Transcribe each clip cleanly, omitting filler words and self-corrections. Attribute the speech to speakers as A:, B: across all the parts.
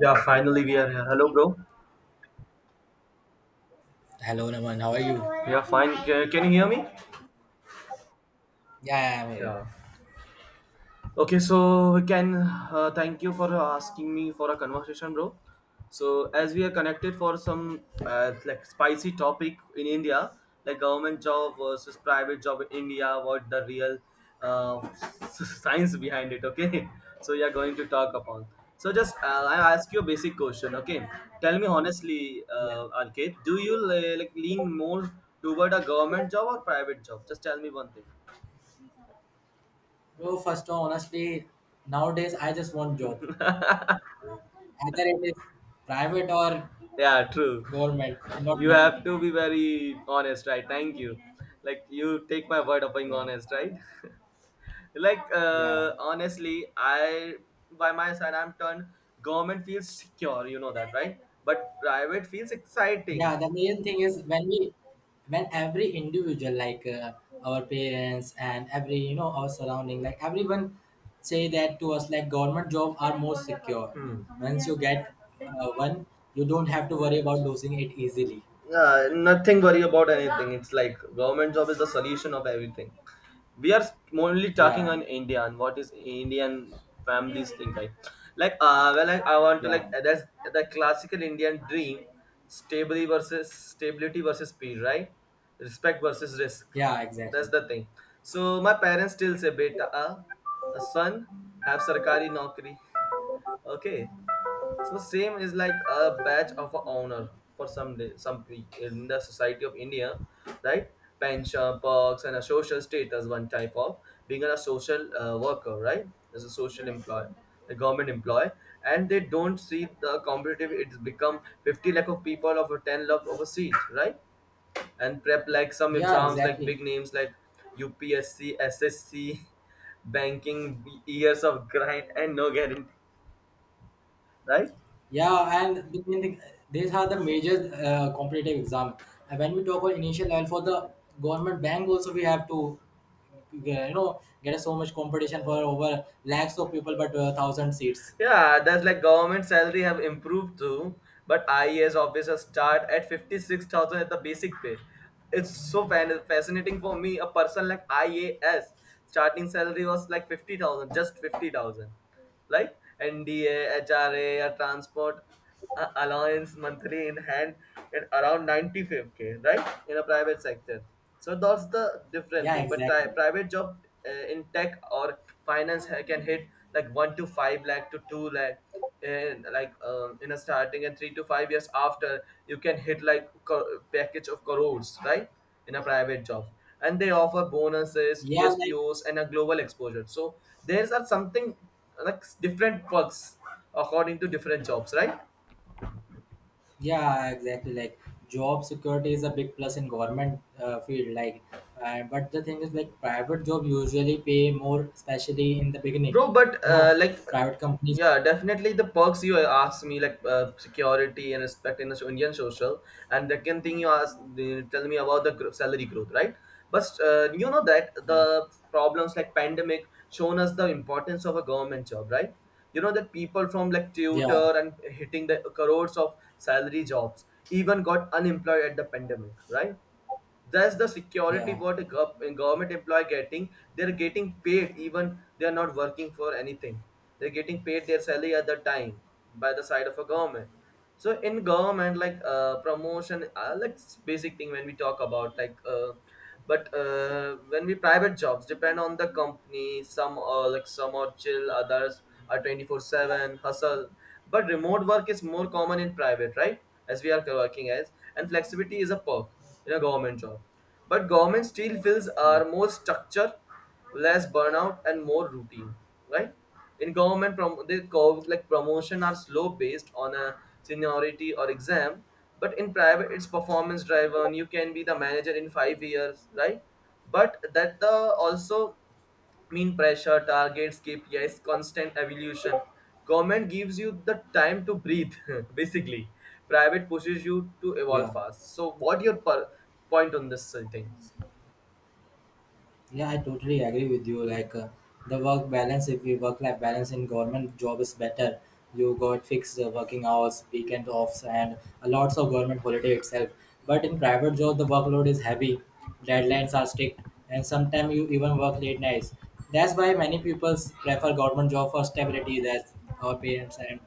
A: Yeah, finally we are here. Hello, bro.
B: Hello, Naman. How are you?
A: Yeah, fine. Can you hear me?
B: Yeah, yeah, maybe.
A: Yeah. Okay, so we can thank you for asking me for a conversation, bro. So as we are connected for some like spicy topic in India, like government job versus private job in India, what the real uh, science behind it? Okay, so we are going to talk upon. So just I ask you a basic question. Okay, tell me honestly,
B: Yeah.
A: Arcade, do you like lean more toward a government job or private job? Just tell me one thing.
B: So first, honestly, nowadays I just want job. Either it is private or
A: Yeah, true.
B: government, it not
A: You
B: matter.
A: have to be very honest, right? Thank you. Like you take my word of being
B: Yeah,
A: honest, right? like
B: yeah.
A: uh, honestly, I by my side I'm turned. Government feels secure, you know that, right? But private feels exciting.
B: Yeah, the main thing is when every individual like our parents and every our surrounding, like everyone say that to us like government job are more secure.
A: Hmm.
B: Once you get one, you don't have to worry about losing it easily.
A: Yeah, nothing worry about anything. It's like government job is the solution of everything. We are only talking
B: Yeah,
A: on India and what is Indian families think like. Like well, like I want to
B: yeah.
A: like that's the classical Indian dream, stability versus speed, right? Respect versus risk.
B: Yeah,
A: That's
B: exactly.
A: the thing. So my parents still say beta, a son have sarkari naukri. Okay. So same is like a badge of a honor for some day, in the society of India, right? Pension, perks, and a social status. One type of being a social worker, right? As a social employee, a government employee, and they don't see the competitive. It's become 50 lakh of people of a 10 lakh of a seat, right? And prep like some
B: Yeah,
A: exams like
B: exactly.
A: big names like UPSC, SSC, banking, years of grind and no guarantee, right?
B: Yeah, and these are the major competitive exam. And when we talk about initial level for the government bank, also we have to, get so much competition for over lakhs of people, but thousand seats.
A: Yeah, that's like government salary have improved too, but IAS officers start at 56,000 at the basic pay. It's so fascinating for me. A person like IAS starting salary was like 50,000, just 50,000. Like NDA, HRA, a HRA, a transport allowance monthly in hand at around 95K, right? In a private sector. So that's the different
B: Yeah,
A: thing. But
B: exactly.
A: private job, in tech or finance can hit like 1 to 5 lakh to 2 lakh and like in a starting, and 3 to 5 years after, you can hit like package of crores, right? In a private job, and they offer bonuses
B: Yeah, like
A: espos and a global exposure. So there's are something like different perks according to different jobs, right,
B: yeah, exactly. Like job security is a big plus in government field. Like, but the thing is, like private job usually pay more, especially in the beginning.
A: bro? But
B: You know,
A: like,
B: private companies.
A: yeah, definitely the perks you asked me, like security and respect in the so, Indian social, and the second thing you asked, you tell me about the salary growth, right? But you know that
B: Yeah,
A: the problems like pandemic shown us the importance of a government job, right? You know that people from like
B: yeah,
A: tutor and hitting the crores of salary jobs even got unemployed at the pandemic, right? That's the security
B: yeah.
A: what a government employee getting. They're getting paid even they're not working for anything. They're getting paid their salary at the time by the side of a government. So in government, like promotion like basic thing when we talk about like, but when we private jobs depend on the company. Some are like, some are chill, others are 24/7 hustle. But remote work is more common in private, right? As we are working as, and flexibility is a perk in a government job. But government still feels
B: Yeah,
A: are more structure, less burnout, and more routine, right? In government, they call like promotion are slow based on a seniority or exam, but in private, it's performance driven. You can be the manager in 5 years, right? But that the also mean pressure, targets, KPIs, constant evolution. Government gives you the time to breathe, basically. Private pushes you to
B: yeah,
A: evolve fast. So, what your point on this thing?
B: yeah. I totally agree with you. The work balance, if you work-life balance in government job is better. You got fixed working hours, weekend offs, and a lots of government holiday itself. But in private job, the workload is heavy, deadlines are strict, and sometimes you even work late nights. That's why many people prefer government job for stability. That's our parents and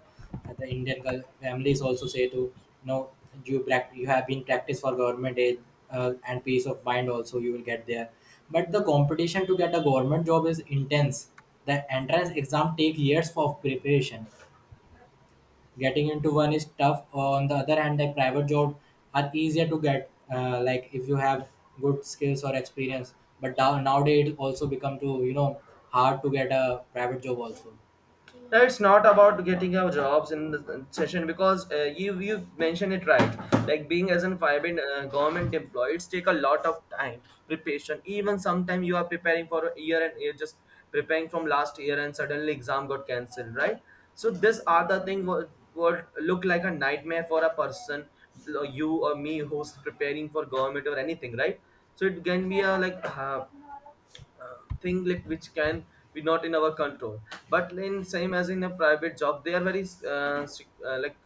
B: The Indian families also say to no, you have been practiced for government aid and peace of mind also you will get there. But the competition to get a government job is intense. The entrance exam take years of preparation. Getting into one is tough. On the other hand, the private job are easier to get. Like if you have good skills or experience. But now nowadays it also become to hard to get a private job also.
A: It's not about getting our jobs in the session, because you mentioned it, right? Like being as an five government employees take a lot of time preparation. Even sometimes you are preparing for a year, and you're just preparing from last year and suddenly exam got cancelled, right? So these are the thing what look like a nightmare for a person you or me who's preparing for government or anything, right? So it can be a like, thing like which can be not in our control. But in same as in a private job, they are very strict, like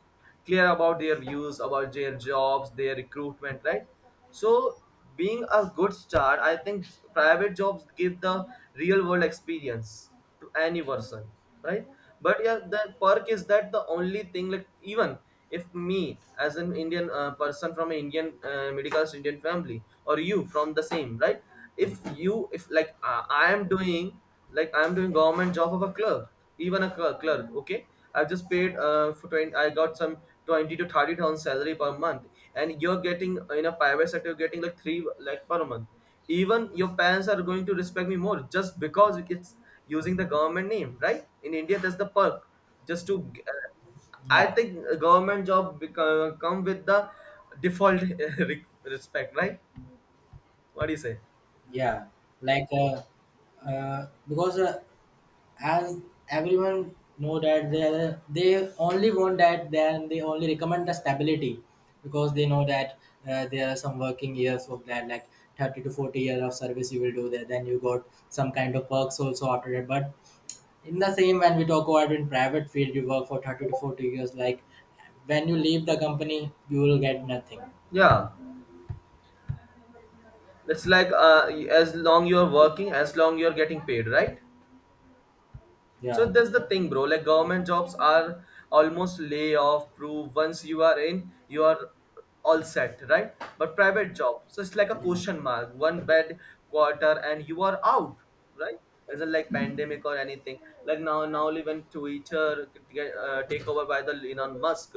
A: clear about their views about their jobs, their recruitment, right? So being a good start, I think private jobs give the real world experience to any person, right? But yeah, the perk is that the only thing, like even if me as an Indian person from an Indian middle class Indian family, or you from the same, right? If you, if like I'm doing government job of a clerk, even a clerk, okay, I've just paid for 20, I got some 20 to 30 thousand salary per month, and you're getting in a private sector, you're getting like three like per month. Even your parents are going to respect me more, just because it's using the government name, right? In India, that's the perk, just to uh, I
B: Yeah.
A: think a government job come with the default respect, right? What do you say?
B: Yeah, like because as everyone know that they only want that, then they only recommend the stability because they know that there are some working years of that, like 30 to 40 years of service you will do there, then you got some kind of perks also after that. But in the same, when we talk about in private field, you work for 30 to 40 years, like when you leave the company, you will get nothing.
A: Yeah, it's like as long you're working, as long you're getting paid, right? So
B: Yeah,
A: that's the thing, bro. Like government jobs are almost layoff proof. Once you are in, you are all set, right? But private job, so it's like a
B: yeah,
A: question mark, one bad quarter and you are out, right? Is not like pandemic or anything. Like, now, even Twitter get, take over by the Elon Musk,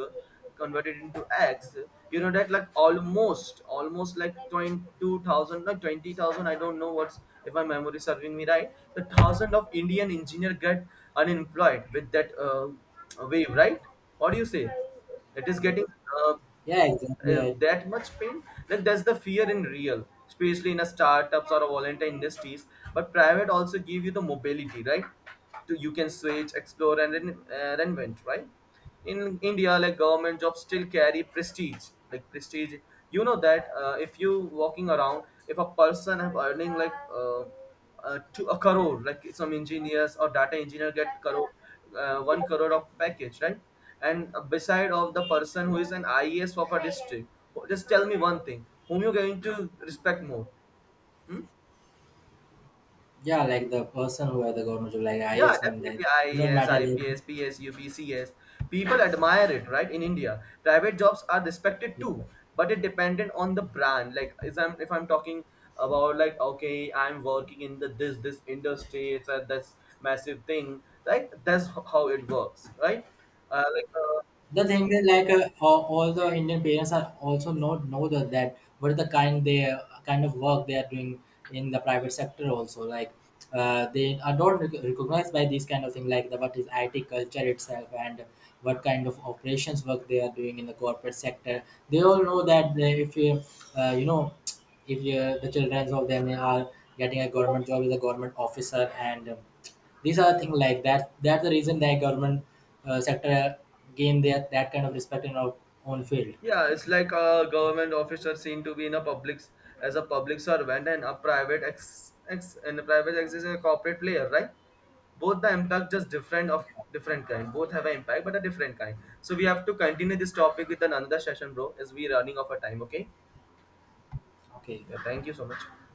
A: converted into X. You know that like almost like 22,000, like 20,000, I don't know what's, if my memory is serving me right, the thousand of Indian engineer get unemployed with that wave, right? What do you say? It is getting uh,
B: yeah, exactly. i
A: that much pain. Like, that's the fear in real, especially in a startups or a volunteer industries. But private also give you the mobility, right? To you can switch, explore, and reinvent, right? In India, like government jobs still carry prestige, like prestige. You know that, if you walking around, if a person have earning like, to a crore, like some engineers or data engineer get crore, 1 crore of package, right? And beside of the person who is an IES of a district, just tell me one thing, whom you're going to respect more? Hmm?
B: Yeah, like the person who are the government job, like
A: Yeah,
B: IAS one, that
A: definitely.
B: not
A: IAS,
B: matter. if-
A: IPS, PSU, BCS. People admire it, right? In India, private jobs are respected
B: yeah.
A: too, but it dependent on the brand. Like, is I'm if I'm talking about like, okay, I'm working in the this this industry, it's a this massive thing. Like, that's how it works, right? Like,
B: The thing is, like all the Indian parents are also not know that what is the kind they kind of work they are doing in the private sector also. Like they are not recognized by these kind of thing, like the what is IT culture itself, and what kind of operations work they are doing in the corporate sector. They all know that uh, you know if you, the children of them are getting a government job as a government officer, and these are things like that. That's the reason that government sector gain that kind of respect in our own field.
A: yeah, it's like a government officer seen to be in a public as a public servant, and a private ex and a private ex is a corporate player, right? Both the impact just different of different kind. Both have an impact, but a different kind. So we have to continue this topic with another session, bro, as we running out of a time, okay?
B: Okay.
A: Yeah, thank you so much.